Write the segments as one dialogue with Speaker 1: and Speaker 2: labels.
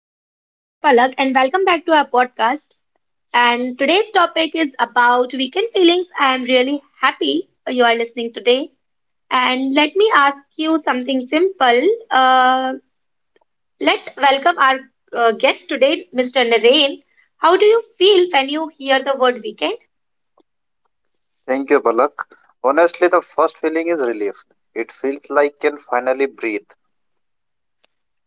Speaker 1: I'm your host Palak and welcome back to our podcast. And today's topic is about weekend feelings. I'm really happy you are listening today. And let me ask you something simple. Let welcome our guest today, Mr. Naren. How do you feel when you hear the word weekend?
Speaker 2: Thank you, Balak. Honestly, the first feeling is relief. It feels like can finally breathe.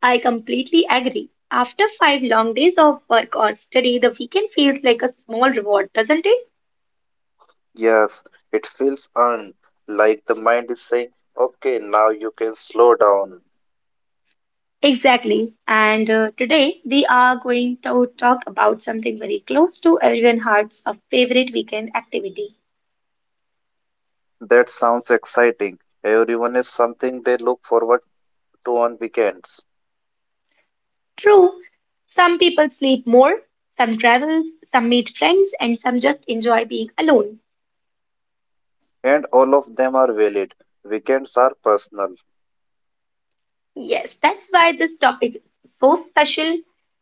Speaker 1: I completely agree. After five long days of work or study, the weekend feels like a small reward, doesn't it?
Speaker 2: Yes, it feels earned, like the mind is saying, okay, now you can slow down.
Speaker 1: Exactly. And today we are going to talk about something very close to everyone's hearts a favorite weekend activity.
Speaker 2: That sounds exciting. Everyone is something they look forward to on weekends.
Speaker 1: True, some people sleep more, some travel, some meet friends, and some just enjoy being alone.
Speaker 2: And all of them are valid. Weekends are personal.
Speaker 1: Yes, that's why this topic is so special.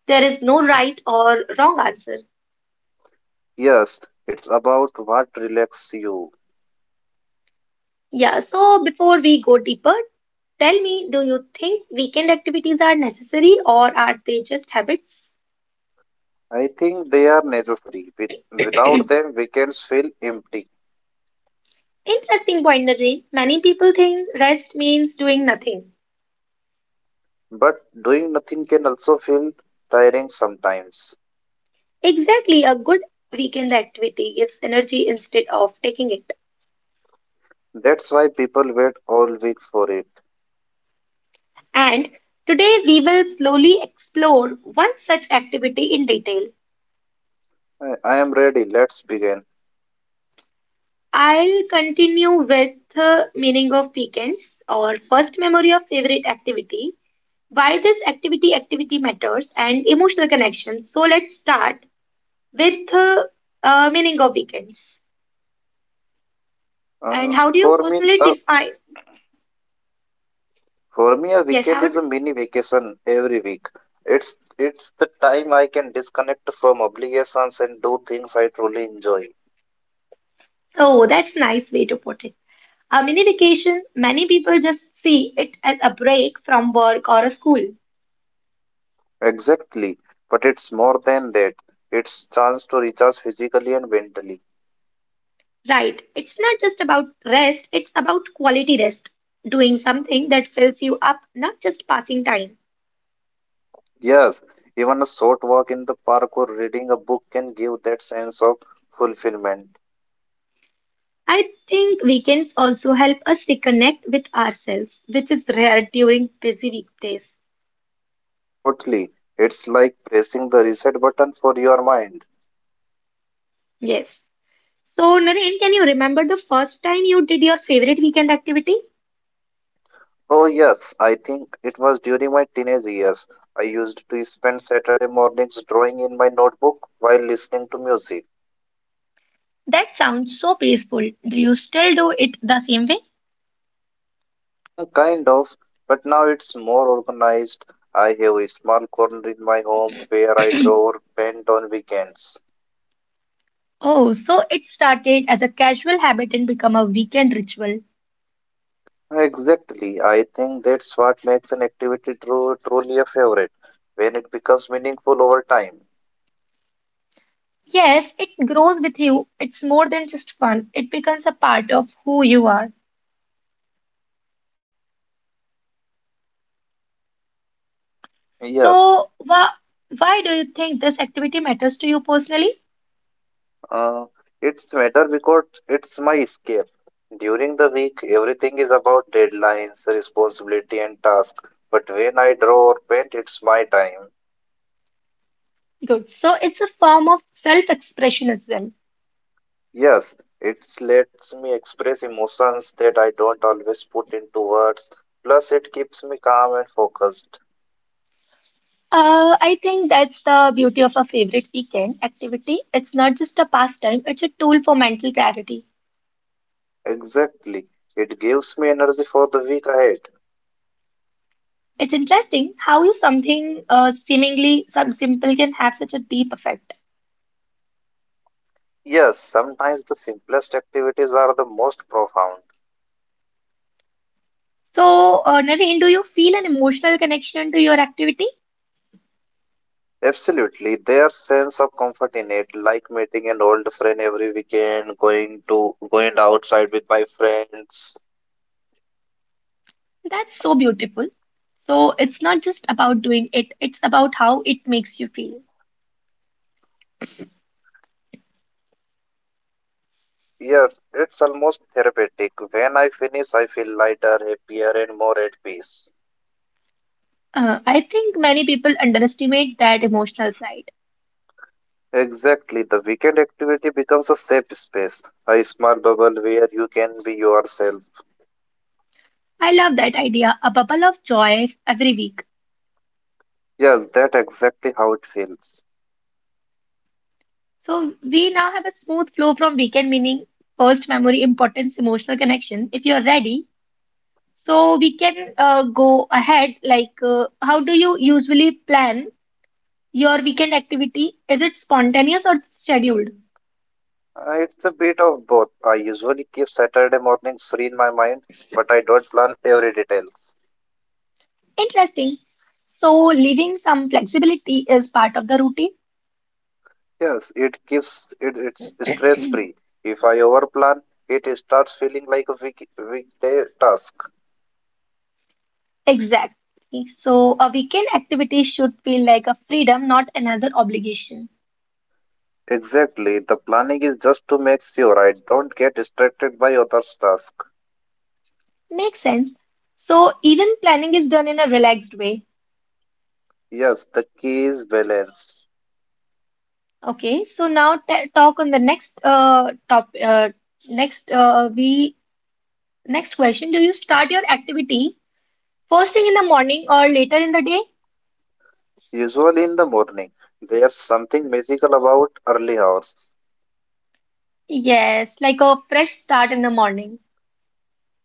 Speaker 1: There is no right or wrong answer.
Speaker 2: Yes, it's about what relaxes you.
Speaker 1: Yeah, so before we go deeper, tell me, do you think weekend activities are necessary or are they just habits?
Speaker 2: I think they are necessary. Without them, weekends feel empty.
Speaker 1: Interesting point, Nazreen. Many people think rest means doing nothing.
Speaker 2: But doing nothing can also feel tiring sometimes.
Speaker 1: Exactly, a good weekend activity gives energy instead of taking it.
Speaker 2: That's why people wait all week for it.
Speaker 1: And today we will slowly explore one such activity in detail.
Speaker 2: I am ready. Let's begin.
Speaker 1: I'll continue with meaning of weekends or first memory of favorite activity, why this activity matters and emotional connection. So let's start with meaning of weekends. And
Speaker 2: Uh,
Speaker 1: how do you
Speaker 2: for me,
Speaker 1: personally
Speaker 2: uh,
Speaker 1: define.
Speaker 2: for me, a
Speaker 1: Yes,
Speaker 2: weekend
Speaker 1: how?
Speaker 2: is a mini vacation every week. It's the time I can disconnect from obligations and do things I truly enjoy.
Speaker 1: Oh, that's a nice way to put it. A mini vacation, many people just see it as a break from work or a school.
Speaker 2: Exactly, but it's more than that. It's chance to recharge physically and mentally.
Speaker 1: Right. It's not just about rest, it's about quality rest, doing something that fills you up, not just passing time.
Speaker 2: Yes, even a short walk in the park or reading a book can give that sense of fulfillment.
Speaker 1: I think weekends also help us reconnect with ourselves, which is rare during busy weekdays.
Speaker 2: Totally. It's like pressing the reset button for your mind.
Speaker 1: Yes. So, Naren, can you remember the first time you did your favorite weekend activity?
Speaker 2: Oh, yes, I think it was during my teenage years. I used to spend Saturday mornings drawing in my notebook while listening to music.
Speaker 1: That sounds so peaceful. Do you still do it the same way?
Speaker 2: Kind of, but now it's more organized. I have a small corner in my home where I draw or paint on weekends.
Speaker 1: Oh, so it started as a casual habit and become a weekend ritual.
Speaker 2: Exactly. I think that's what makes an activity truly a favorite, when it becomes meaningful over time.
Speaker 1: Yes, it grows with you. It's more than just fun. It becomes a part of who you are.
Speaker 2: Yes.
Speaker 1: So, why do you think this activity matters to you personally?
Speaker 2: Uh, it's matter because it's my escape. During the week, everything is about deadlines, responsibility, and task. But when I draw or paint, it's my time.
Speaker 1: Good. So, it's a form of self-expression as well.
Speaker 2: Yes, it lets me express emotions that I don't always put into words. Plus, it keeps me calm and focused.
Speaker 1: I think that's the beauty of a favorite weekend activity. It's not just a pastime, it's a tool for mental clarity.
Speaker 2: Exactly. It gives me energy for the week ahead.
Speaker 1: It's interesting how you something seemingly some simple can have such a deep effect.
Speaker 2: Yes, sometimes the simplest activities are the most profound.
Speaker 1: So, Naren, do you feel an emotional connection to your activity?
Speaker 2: Absolutely, their sense of comfort in it, like meeting an old friend every weekend, going outside with my friends.
Speaker 1: That's so beautiful. So, it's not just about doing it, it's about how it makes you feel.
Speaker 2: Yeah, it's almost therapeutic. When I finish, I feel lighter, happier, and more at peace.
Speaker 1: I think many people underestimate that emotional side.
Speaker 2: Exactly, the weekend activity becomes a safe space, a small bubble where you can be yourself.
Speaker 1: I love that idea, a bubble of joy every week.
Speaker 2: Yes, that's exactly how it feels.
Speaker 1: So, we now have a smooth flow from weekend, meaning first memory, importance, emotional connection. If you're ready, so we can go ahead. Like, how do you usually plan your weekend activity, is it spontaneous or scheduled?
Speaker 2: It's a bit of both. I usually keep Saturday mornings free in my mind, but I don't plan every details.
Speaker 1: Interesting. So, leaving some flexibility is part of the routine.
Speaker 2: Yes, it gives it it's stress free. If I overplan, it starts feeling like a weekday task.
Speaker 1: Exactly. So, a weekend activity should feel like a freedom, not another obligation.
Speaker 2: Exactly. The planning is just to make sure I don't get distracted by others' tasks.
Speaker 1: Makes sense. So, even planning is done in a relaxed way.
Speaker 2: Yes, the key is balance.
Speaker 1: Okay. So now ta talk on the next top next we next question. Do you start your activity first thing in the morning or later in the day?
Speaker 2: Usually in the morning, there's something magical about early hours.
Speaker 1: Yes, like a fresh start in the morning.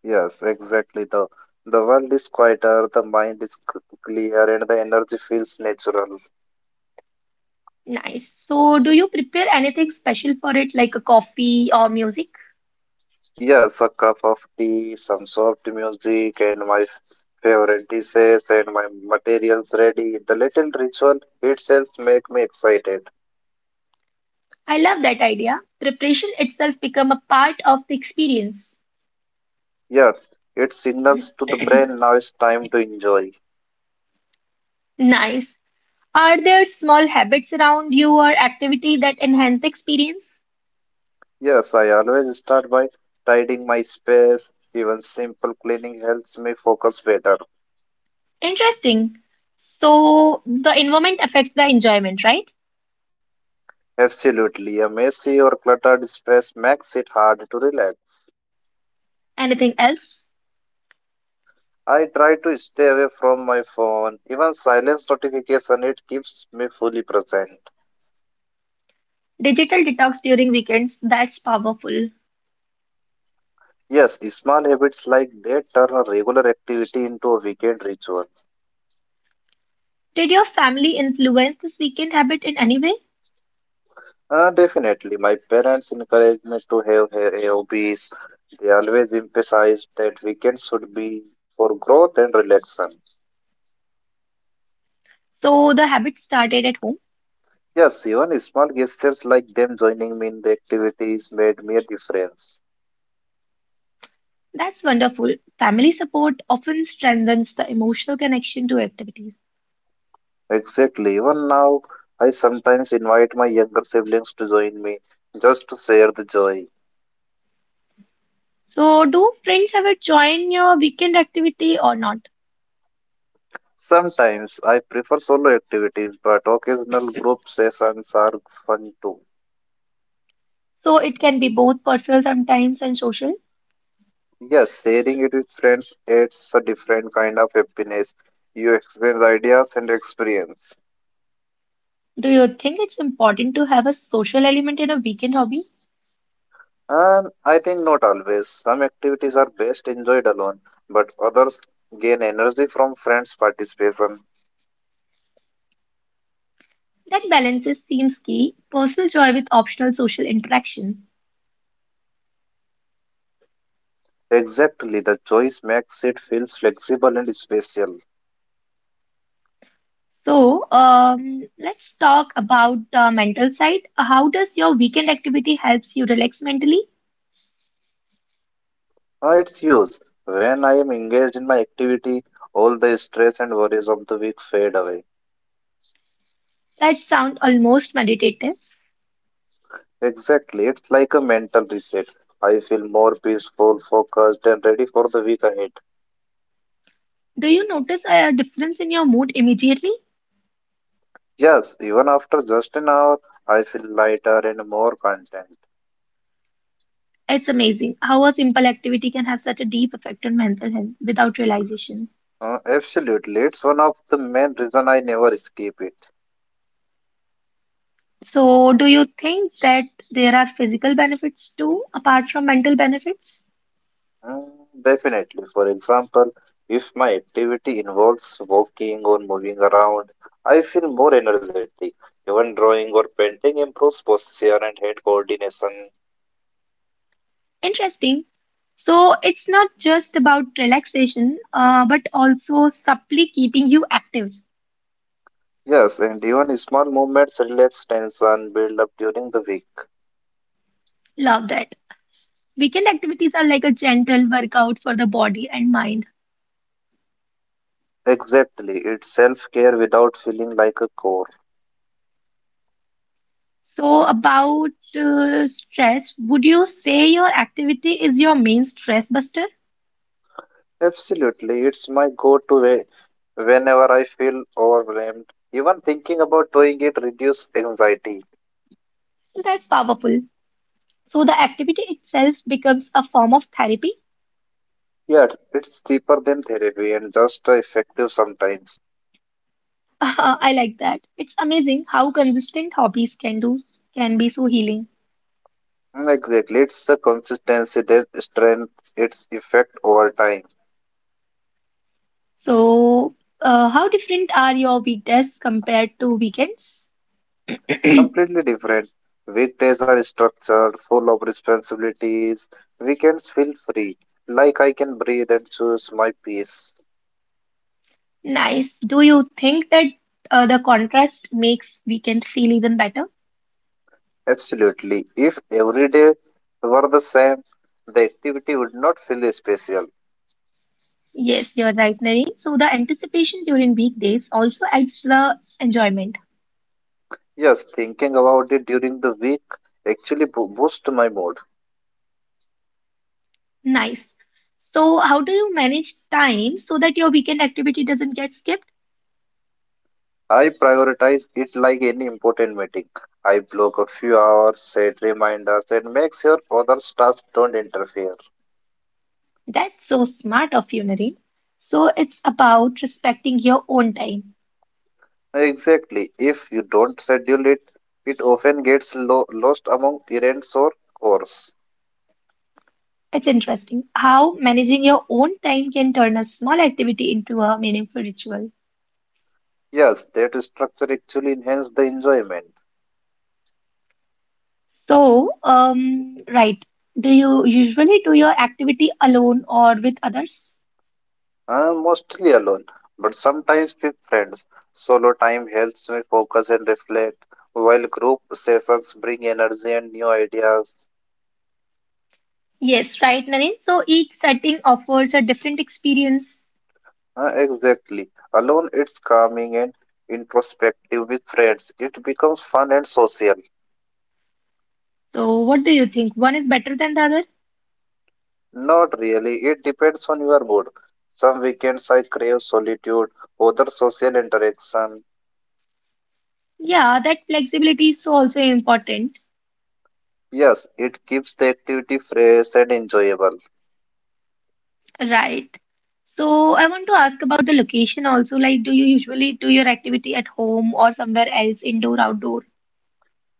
Speaker 2: Yes, exactly. The world is quieter, the mind is clear, and the energy feels natural.
Speaker 1: Nice. So, do you prepare anything special for it, like a coffee or music?
Speaker 2: Yes, a cup of tea, some soft music, and my favorite dishes and my materials ready. The little ritual itself make me excited.
Speaker 1: I love that idea. Preparation itself become a part of the experience.
Speaker 2: Yes, it signals to the brain now it's time to enjoy.
Speaker 1: Nice. Are there small habits around you or activity that enhance the experience?
Speaker 2: Yes, I always start by tidying my space. Even simple cleaning helps me focus better.
Speaker 1: Interesting. So, the environment affects the enjoyment, right?
Speaker 2: Absolutely, a messy or cluttered space makes it hard to relax.
Speaker 1: Anything else?
Speaker 2: I try to stay away from my phone, even silence notification, it keeps me fully present.
Speaker 1: Digital detox during weekends, that's powerful.
Speaker 2: Yes, small habits like that turn a regular activity into a weekend ritual.
Speaker 1: Did your family influence this weekend habit in any way?
Speaker 2: Definitely, my parents encourage me to have hobbies. They always emphasize that weekends should be for growth and relaxation.
Speaker 1: So the habit started at home.
Speaker 2: Yes, even small gestures like them joining me in the activities made me a difference.
Speaker 1: That's wonderful. Family support often strengthens the emotional connection to activities.
Speaker 2: Exactly. Even now, I sometimes invite my younger siblings to join me just to share the joy.
Speaker 1: So, do friends ever join your weekend activity or not?
Speaker 2: Sometimes I prefer solo activities, but occasional group sessions are fun too.
Speaker 1: So, it can be both personal sometimes and social.
Speaker 2: Yes, sharing it with friends adds a different kind of happiness. You exchange ideas and experience.
Speaker 1: Do you think it's important to have a social element in a weekend hobby?
Speaker 2: And I think not always. Some activities are best enjoyed alone, but others gain energy from friends' participation.
Speaker 1: That balances seems key. Personal joy with optional social interaction.
Speaker 2: Exactly, the choice makes it feels flexible and spatial.
Speaker 1: So, let's talk about the mental side. How does your weekend activity helps you relax mentally?
Speaker 2: It's use. When I am engaged in my activity, all the stress and worries of the week fade away.
Speaker 1: That sound almost meditative.
Speaker 2: Exactly, it's like a mental reset. I feel more peaceful, focused, and ready for the week ahead.
Speaker 1: Do you notice a difference in your mood immediately?
Speaker 2: Yes, even after just an hour, I feel lighter and more content.
Speaker 1: It's amazing how a simple activity can have such a deep effect on mental health without realization.
Speaker 2: Absolutely, it's one of the main reason I never skip it.
Speaker 1: So, do you think that there are physical benefits too, apart from mental benefits?
Speaker 2: Mm, Definitely. For example, if my activity involves walking or moving around, I feel more energetic. Even drawing or painting improves posture and head coordination.
Speaker 1: Interesting. So, it's not just about relaxation, but also subtly keeping you active.
Speaker 2: Yes, and even small movements relax tension build up during the week.
Speaker 1: Love that. Weekend activities are like a gentle workout for the body and mind.
Speaker 2: Exactly. It's self-care without feeling like a chore.
Speaker 1: So, about stress, would you say your activity is your main stress buster?
Speaker 2: Absolutely. It's my go-to way whenever I feel overwhelmed. Even thinking about doing it reduces anxiety.
Speaker 1: That's powerful. So, the activity itself becomes a form of therapy.
Speaker 2: Yeah, it's cheaper than therapy and just effective sometimes.
Speaker 1: I like that. It's amazing how consistent hobbies can be so healing.
Speaker 2: Exactly, it's the consistency that strengthens its effect over time.
Speaker 1: So, how different are your weekdays compared to weekends?
Speaker 2: Completely different. Weekdays are structured, full of responsibilities. Weekends feel free, like I can breathe and choose my peace.
Speaker 1: Nice. Do you think that the contrast makes weekend feel even better?
Speaker 2: Absolutely. If every day were the same, the activity would not feel special.
Speaker 1: Yes, you're right, Nari. So the anticipation during weekdays also adds the enjoyment.
Speaker 2: Yes, thinking about it during the week actually boosts my mood.
Speaker 1: Nice. So how do you manage time so that your weekend activity doesn't get skipped?
Speaker 2: I prioritize it like any important meeting. I block a few hours, set reminders, and make sure other tasks don't interfere.
Speaker 1: That's so smart of you, Naren. So it's about respecting your own time.
Speaker 2: Exactly. If you don't schedule it, it often gets lost among errands or chores.
Speaker 1: It's interesting how managing your own time can turn a small activity into a meaningful ritual.
Speaker 2: Yes, that structure actually enhances the enjoyment.
Speaker 1: So, right. Do you usually do your activity alone or with others?
Speaker 2: I'm mostly alone, but sometimes with friends. Solo time helps me focus and reflect, while group sessions bring energy and new ideas.
Speaker 1: Yes, right, Naren. So each setting offers a different experience.
Speaker 2: Exactly. Alone, it's calming and introspective. With friends, it becomes fun and social.
Speaker 1: So what do you think? One is better than the other?
Speaker 2: Not really. It depends on your mood. Some weekends I crave solitude, other social interaction.
Speaker 1: Yeah, that flexibility is so also important.
Speaker 2: Yes, it keeps the activity fresh and enjoyable.
Speaker 1: Right. So I want to ask about the location also. Like, do you usually do your activity at home or somewhere else, indoor, outdoor?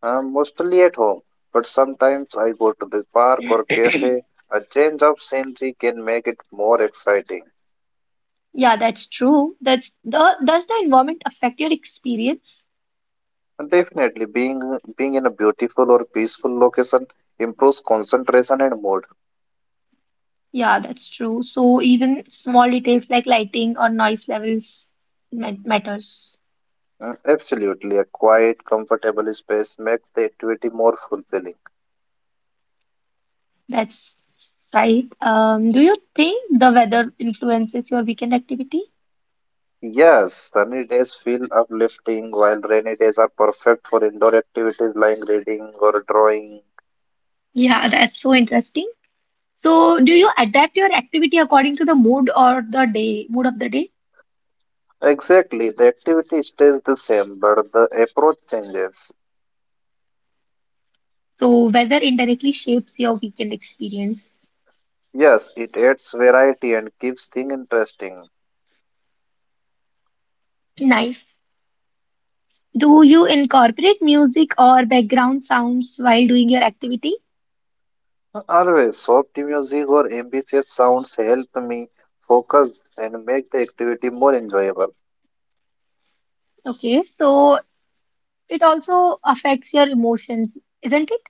Speaker 2: Mostly at home, but sometimes I go to the park or cafe. A change of scenery can make it more exciting.
Speaker 1: Yeah, that's true. That's the does the environment affect your experience?
Speaker 2: And definitely, being in a beautiful or peaceful location improves concentration and mood.
Speaker 1: Yeah, that's true. So even small details like lighting or noise levels matters.
Speaker 2: Absolutely, a quiet, comfortable space makes the activity more fulfilling.
Speaker 1: That's right. Do you think the weather influences your weekend activity?
Speaker 2: Yes, sunny days feel uplifting, while rainy days are perfect for indoor activities like reading or drawing.
Speaker 1: Yeah, that's so interesting. So, do you adapt your activity according to the mood or the day, mood of the day?
Speaker 2: Exactly, the activity stays the same, but the approach changes.
Speaker 1: So, weather indirectly shapes your weekend experience.
Speaker 2: Yes, it adds variety and keeps things interesting.
Speaker 1: Nice. Do you incorporate music or background sounds while doing your activity?
Speaker 2: Always, soft music or ambitious sounds help me focus and make the activity more enjoyable.
Speaker 1: Okay, so it also affects your emotions, isn't it?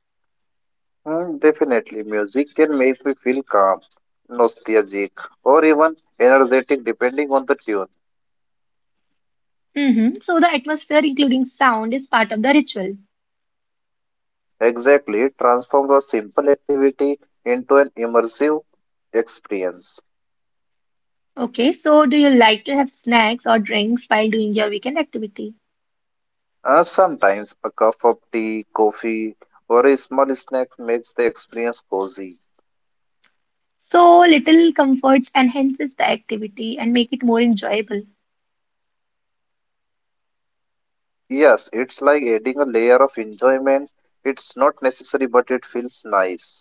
Speaker 2: Definitely, music can make me feel calm, nostalgic, or even energetic depending on the tune.
Speaker 1: Mm-hmm. So, the atmosphere, including sound, is part of the ritual.
Speaker 2: Exactly, it transforms a simple activity into an immersive experience.
Speaker 1: Okay, so do you like to have snacks or drinks while doing your weekend activity?
Speaker 2: Sometimes a cup of tea, coffee, or a small snack makes the experience cozy.
Speaker 1: So little comforts enhances the activity and make it more enjoyable.
Speaker 2: Yes, it's like adding a layer of enjoyment. It's not necessary, but it feels nice.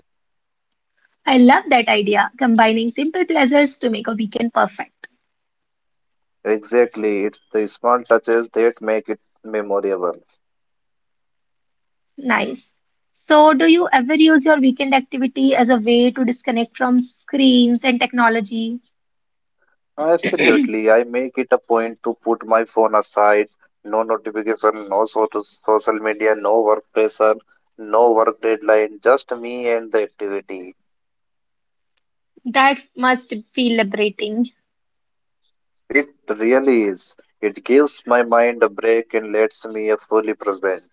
Speaker 1: I love that idea, combining simple pleasures to make a weekend perfect.
Speaker 2: Exactly, it's the small touches that make it memorable.
Speaker 1: Nice. So do you ever use your weekend activity as a way to disconnect from screens and technology?
Speaker 2: Absolutely. I make it a point to put my phone aside. No notification, no social media, no work pressure, no work deadline, just me and the activity.
Speaker 1: That must feel liberating.
Speaker 2: It really is. It gives my mind a break and lets me a fully present.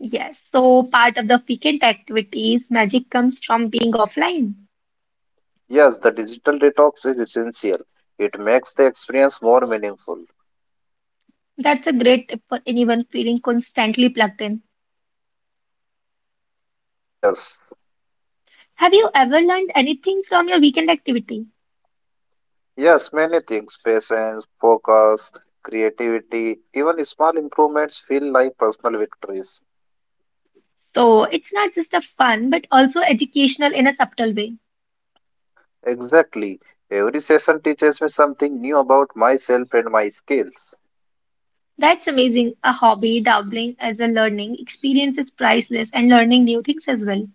Speaker 1: Yes, so part of the weekend activities, magic comes from being offline.
Speaker 2: Yes, the digital detox is essential. It makes the experience more meaningful.
Speaker 1: That's a great tip for anyone feeling constantly plugged in.
Speaker 2: Ah, yes.
Speaker 1: Have you ever learned anything from your weekend activity?
Speaker 2: Yes, many things, patience, focus, creativity, even small improvements feel like personal victories.
Speaker 1: So it's not just a fun, but also educational in a subtle way.
Speaker 2: Exactly. Every session teaches me something new about myself and my skills.
Speaker 1: That's amazing. A hobby doubling as a learning experience is priceless and learning new things as well.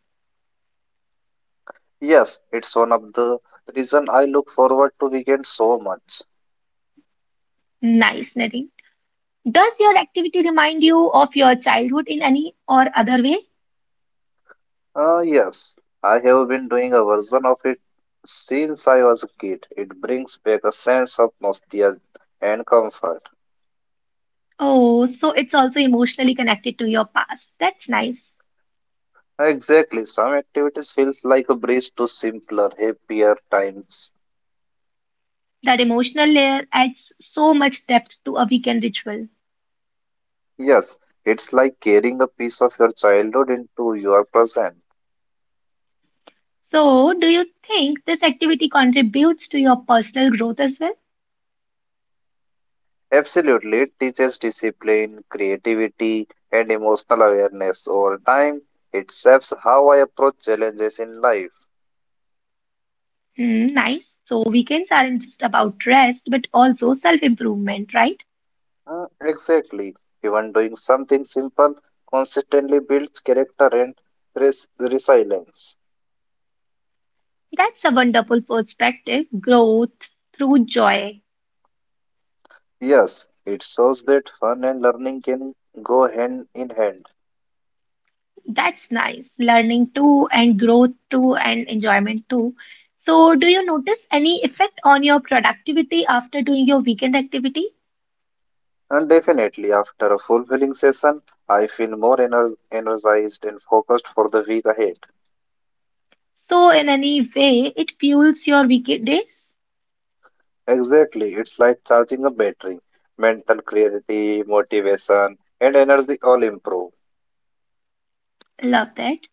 Speaker 2: Yes, it's one of the reason I look forward to weekends so much.
Speaker 1: Nice, Naren. Does your activity remind you of your childhood in any or other way?
Speaker 2: Ah, yes, I have been doing a version of it since I was a kid. It brings back a sense of nostalgia and comfort.
Speaker 1: Oh, so it's also emotionally connected to your past. That's nice.
Speaker 2: Exactly. Some activities feels like a breeze to simpler, happier times.
Speaker 1: That emotional layer adds so much depth to a weekend ritual.
Speaker 2: Yes, it's like carrying a piece of your childhood into your present.
Speaker 1: So, do you think this activity contributes to your personal growth as well?
Speaker 2: Absolutely, it teaches discipline, creativity, and emotional awareness over time. It shapes how I approach challenges in life.
Speaker 1: Hmm, nice. So, weekends aren't just about rest, but also self improvement, right?
Speaker 2: Exactly. Even doing something simple consistently builds character and resilience.
Speaker 1: That's a wonderful perspective. Growth through joy.
Speaker 2: Yes, it shows that fun and learning can go hand in hand.
Speaker 1: That's nice. Learning too, and growth too, and enjoyment too. So, do you notice any effect on your productivity after doing your weekend activity?
Speaker 2: And definitely, after a fulfilling session, I feel more energized and focused for the week ahead.
Speaker 1: So, in any way, it fuels your weekdays?
Speaker 2: Exactly. It's like charging a battery. Mental clarity, motivation, and energy all improve.
Speaker 1: Love that.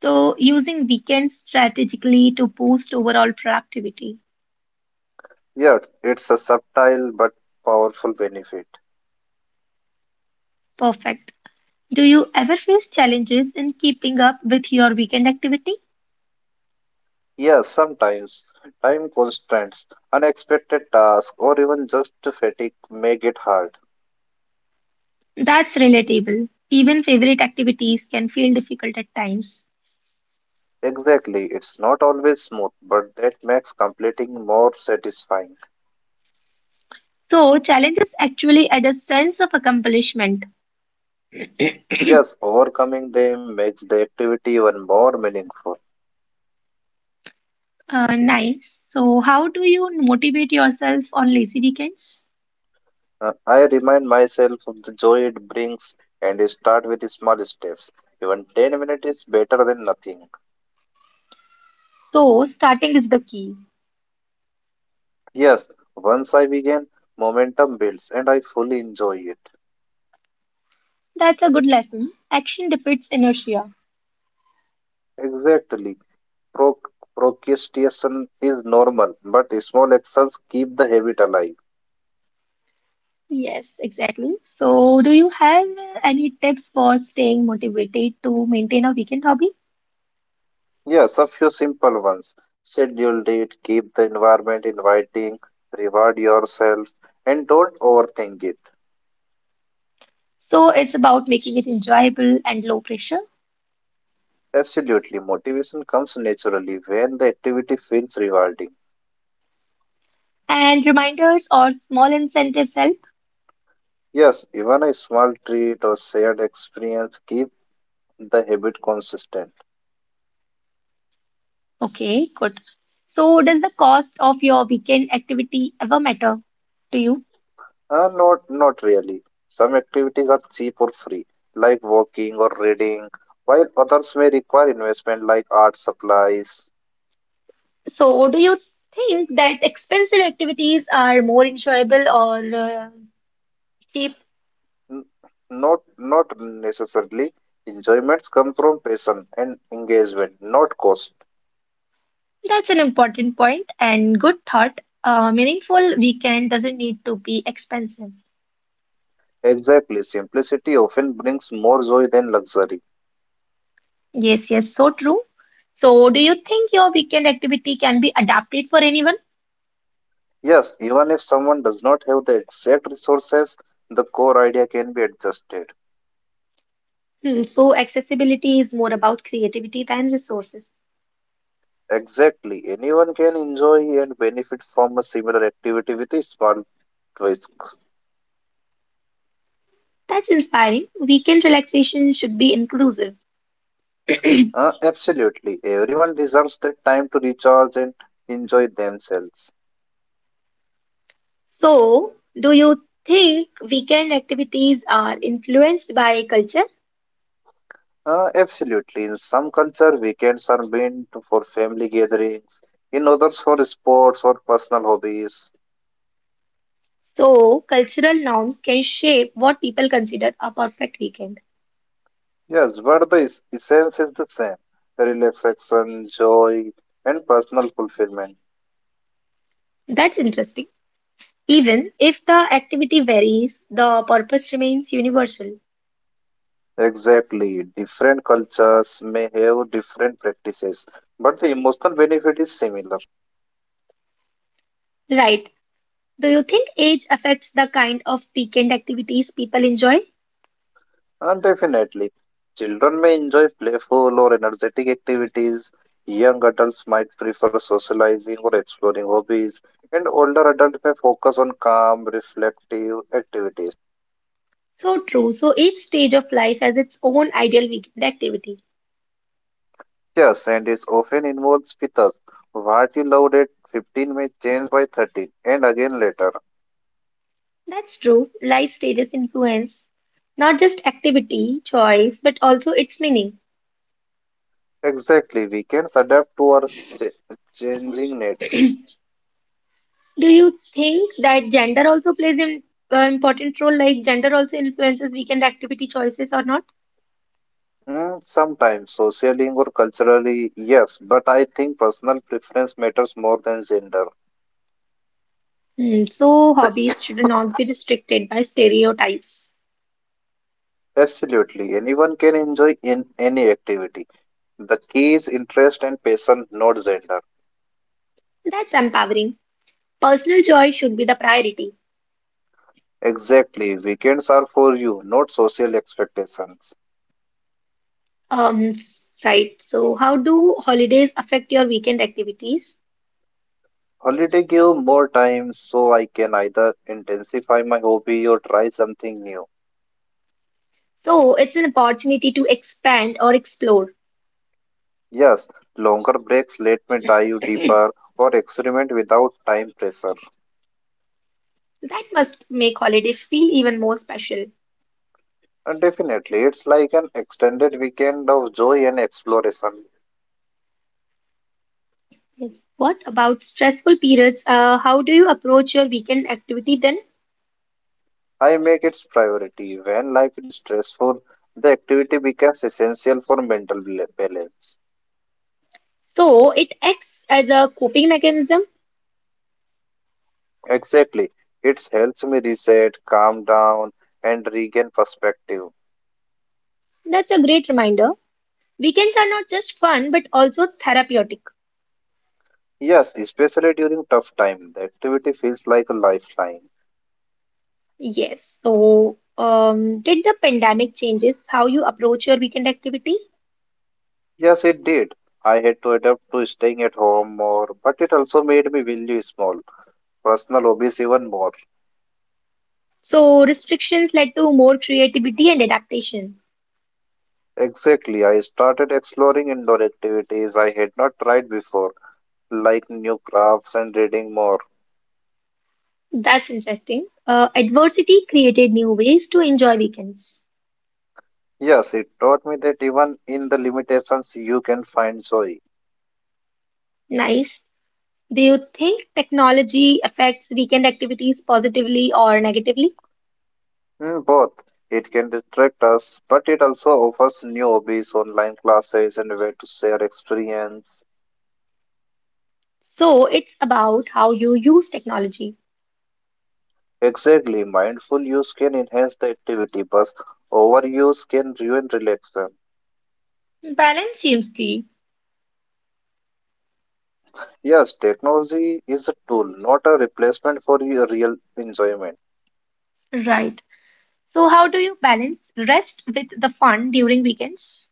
Speaker 1: So using weekends strategically to boost overall productivity.
Speaker 2: Yes, it's a subtle but powerful benefit.
Speaker 1: Perfect. Do you ever face challenges in keeping up with your weekend activity?
Speaker 2: Yes, sometimes time constraints, unexpected tasks, or even just fatigue make it hard.
Speaker 1: That's relatable. Even favorite activities can feel difficult at times.
Speaker 2: Exactly. It's not always smooth, but that makes completing more satisfying.
Speaker 1: So challenges actually add a sense of accomplishment.
Speaker 2: Yes, overcoming them makes the activity even more meaningful.
Speaker 1: Nice. So how do you motivate yourself on lazy weekends?
Speaker 2: I remind myself of the joy it brings and start with small steps. Even 10 minutes is better than nothing.
Speaker 1: So starting is the key.
Speaker 2: Yes, once I begin, momentum builds and I fully enjoy it.
Speaker 1: That's a good lesson. Action defeats inertia.
Speaker 2: Exactly. Pro- Procrastination is normal, but small actions keep the habit alive.
Speaker 1: Yes, exactly. So, do you have any tips for staying motivated to maintain a weekend hobby?
Speaker 2: Yes, a few simple ones. Schedule it, keep the environment inviting, reward yourself, and don't overthink it.
Speaker 1: So, it's about making it enjoyable and low pressure.
Speaker 2: Absolutely, motivation comes naturally when the activity feels rewarding.
Speaker 1: And reminders or small incentives help.
Speaker 2: Yes, even a small treat or shared experience keep the habit consistent.
Speaker 1: Okay, good. So, does the cost of your weekend activity ever matter to you?
Speaker 2: Not really. Some activities are or free, like walking or reading, while others may require investment like art supplies.
Speaker 1: So, do you think that expensive activities are more enjoyable or cheap?
Speaker 2: N- Not necessarily. Enjoyments come from passion and engagement, not cost.
Speaker 1: That's an important point and good thought. A meaningful weekend doesn't need to be expensive.
Speaker 2: Exactly, simplicity often brings more joy than luxury.
Speaker 1: Yes, yes, so true. So, do you think your weekend activity can be adapted for anyone?
Speaker 2: Yes, even if someone does not have the exact resources, the core idea can be adjusted.
Speaker 1: Hmm, so, accessibility is more about creativity than resources.
Speaker 2: Exactly, anyone can enjoy and benefit from a similar activity with a small risk.
Speaker 1: That's inspiring. Weekend relaxation should be inclusive.
Speaker 2: Absolutely, everyone deserves the time to recharge and enjoy themselves.
Speaker 1: So, do you think weekend activities are influenced by culture?
Speaker 2: Absolutely, in some culture, weekends are meant for family gatherings, in others for sports or personal hobbies.
Speaker 1: So, cultural norms can shape what people consider a perfect weekend.
Speaker 2: Yes, but the essence is the same relaxation, joy, and personal fulfillment.
Speaker 1: That's interesting. Even if the activity varies, the purpose remains universal.
Speaker 2: Exactly. Different cultures may have different practices, but the emotional benefit is similar.
Speaker 1: Right. Do you think age affects the kind of weekend activities people enjoy?
Speaker 2: And definitely, children may enjoy playful or energetic activities. Young adults might prefer socializing or exploring hobbies, and older adults may focus on calm, reflective activities.
Speaker 1: So true. So each stage of life has its own ideal weekend activity.
Speaker 2: Yes, and it often involves fitas. What you loved at 15 may change by 13 and again later.
Speaker 1: That's true. Life stages influence not just activity choice but also its meaning.
Speaker 2: Exactly, we can adapt to our ch- changing needs.
Speaker 1: Do you think that gender also plays an important role, like gender also influences weekend activity choices or not?
Speaker 2: Hmm, sometimes, socially or culturally, yes, but I think personal preference matters more than gender.
Speaker 1: Hmm, so hobbies should not be restricted by stereotypes.
Speaker 2: Absolutely, anyone can enjoy in any activity. The key is interest and passion, not gender.
Speaker 1: That's empowering. Personal joy should be the priority.
Speaker 2: Exactly, weekends are for you, not social expectations.
Speaker 1: Um, right. So, how do holidays affect your weekend activities?
Speaker 2: Holiday give more time so I can either intensify my hobby or try something new.
Speaker 1: So, it's an opportunity to expand or explore.
Speaker 2: Yes, longer breaks let me dive deeper or experiment without time pressure.
Speaker 1: That must make holiday feel even more special.
Speaker 2: And definitely, it's like an extended weekend of joy and exploration.
Speaker 1: Yes. What about stressful periods? How do you approach your weekend activity then?
Speaker 2: I make its priority. When life is stressful, the activity becomes essential for mental balance.
Speaker 1: So, it acts as a coping mechanism.
Speaker 2: Exactly, it helps me reset, calm down, and regain perspective.
Speaker 1: That's a great reminder. Weekends are not just fun, but also therapeutic.
Speaker 2: Yes, especially during tough time, the activity feels like a lifeline.
Speaker 1: Yes. So, did the pandemic changes how you approach your weekend activity?
Speaker 2: Yes, it did. I had to adapt to staying at home more, but it also made me value small, personal hobbies even more.
Speaker 1: So restrictions led to more creativity and adaptation.
Speaker 2: Exactly, I started exploring indoor activities I had not tried before, like new crafts and reading more.
Speaker 1: That's interesting. Adversity created new ways to enjoy weekends.
Speaker 2: Yes, it taught me that even in the limitations, you can find joy.
Speaker 1: Nice. Do you think technology affects weekend activities positively or negatively?
Speaker 2: Both. It can distract us, but it also offers new hobbies, online classes, and a way to share experience.
Speaker 1: So it's about how you use technology.
Speaker 2: Exactly, mindful use can enhance the activity, but overuse can ruin relaxation.
Speaker 1: Balance seems key.
Speaker 2: Yes, technology is a tool, not a replacement for your real enjoyment.
Speaker 1: Right. So how do you balance rest with the fun during weekends?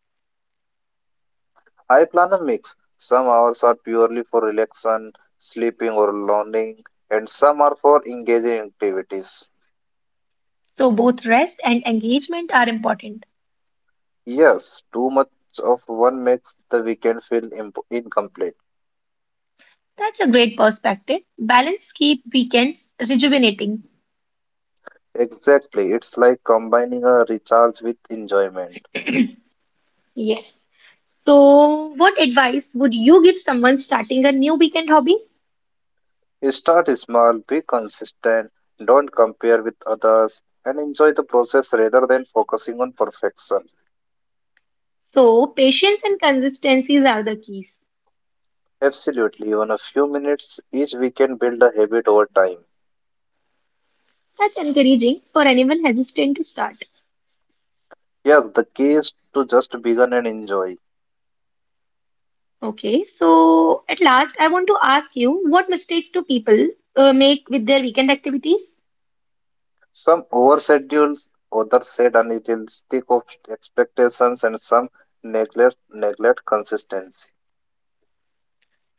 Speaker 2: I plan a mix. Some hours are purely for relaxation, sleeping or learning, and some are for engaging activities.
Speaker 1: So both rest and engagement are important.
Speaker 2: Yes, too much of one makes the weekend feel incomplete.
Speaker 1: That's a great perspective. Balance keep weekends rejuvenating.
Speaker 2: Exactly, it's like combining a recharge with enjoyment.
Speaker 1: Yes. So, what advice would you give someone starting a new weekend hobby?
Speaker 2: Start small, be consistent, don't compare with others, and enjoy the process rather than focusing on perfection.
Speaker 1: So, patience and consistencies are the keys.
Speaker 2: Absolutely, even a few minutes each week can build a habit over time.
Speaker 1: That's encouraging for anyone hesitant to start.
Speaker 2: Yes, the key is to just begin and enjoy.
Speaker 1: Okay, so at last, I want to ask you what mistakes do people make with their weekend activities?
Speaker 2: Some overschedules, others set unrealistic expectations, and some neglect consistency.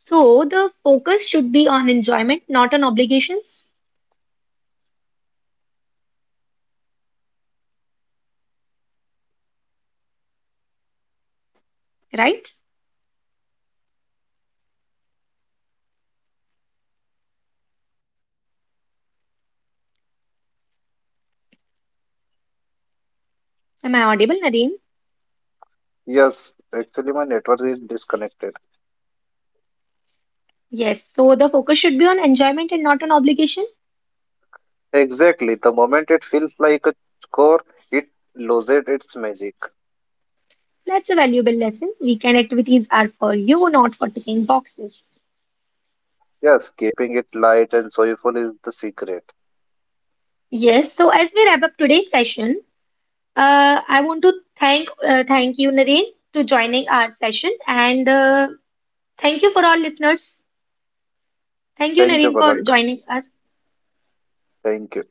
Speaker 1: So, the focus should be on enjoyment, not on obligations, right? Am I audible, Nareen?
Speaker 2: Yes, actually, my network is disconnected.
Speaker 1: Yes, so the focus should be on enjoyment and not on obligation.
Speaker 2: Exactly. The moment it feels like a core, it loses its magic.
Speaker 1: That's a valuable lesson. Weekend activities are for you, not for ticking boxes.
Speaker 2: Yes, keeping it light and joyful is the secret.
Speaker 1: Yes, so as we wrap up today's session, I want to thank you, Nareen, to joining our session, and thank you for all listeners. Thank you,
Speaker 2: Thank you,
Speaker 1: Nareen,
Speaker 2: Balak.
Speaker 1: for joining us.
Speaker 2: Thank you.